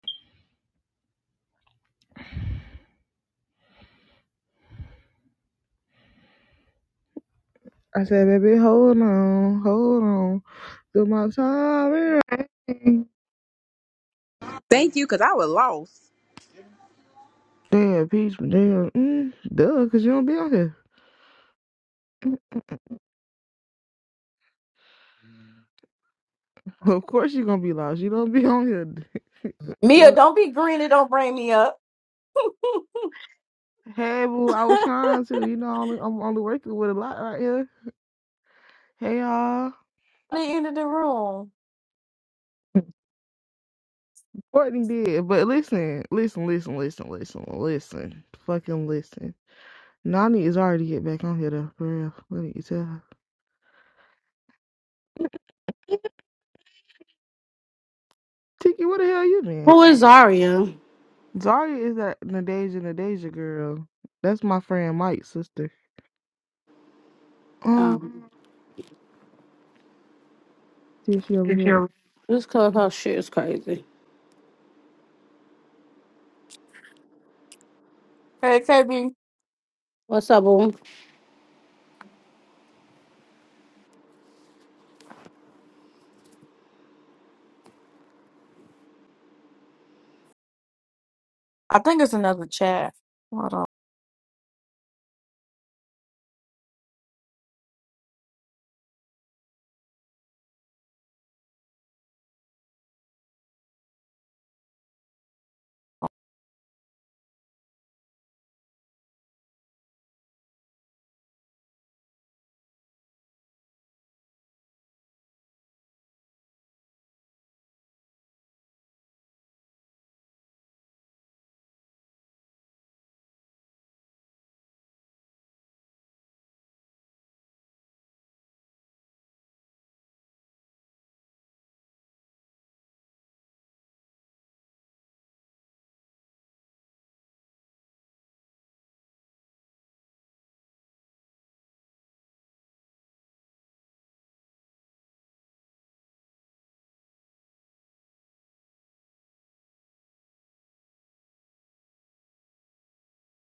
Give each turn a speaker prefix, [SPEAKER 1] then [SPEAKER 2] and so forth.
[SPEAKER 1] I said, baby, hold on, hold on. Do my time. ring.
[SPEAKER 2] Thank you, because I was lost.
[SPEAKER 1] Damn, peach, damn, mm, duh, because you don't be on here. Of course you're going to be lost. You don't be on here.
[SPEAKER 3] Mia,
[SPEAKER 1] Fuck.
[SPEAKER 3] don't be green and don't bring me up.
[SPEAKER 1] Hey, boo, I
[SPEAKER 3] the
[SPEAKER 1] was trying to. You know, I'm only, I'm only working with a lot right here. Hey, y'all.
[SPEAKER 3] end of the room.
[SPEAKER 1] Courtney did. But listen, listen, listen, listen, listen, listen. Fucking listen. Nani is already get back on here, though, for real. Let me tell her. Tiki, where the hell you been?
[SPEAKER 4] Who is Zaria?
[SPEAKER 1] Zarya is that Nadeja Nadeja girl. That's my friend Mike's sister. Um,
[SPEAKER 4] Um,
[SPEAKER 1] see if she over here. with
[SPEAKER 4] this clubhouse shit is crazy.
[SPEAKER 3] Hey, KB,
[SPEAKER 4] What's up, boo?
[SPEAKER 3] I think it's another chat. Hold on.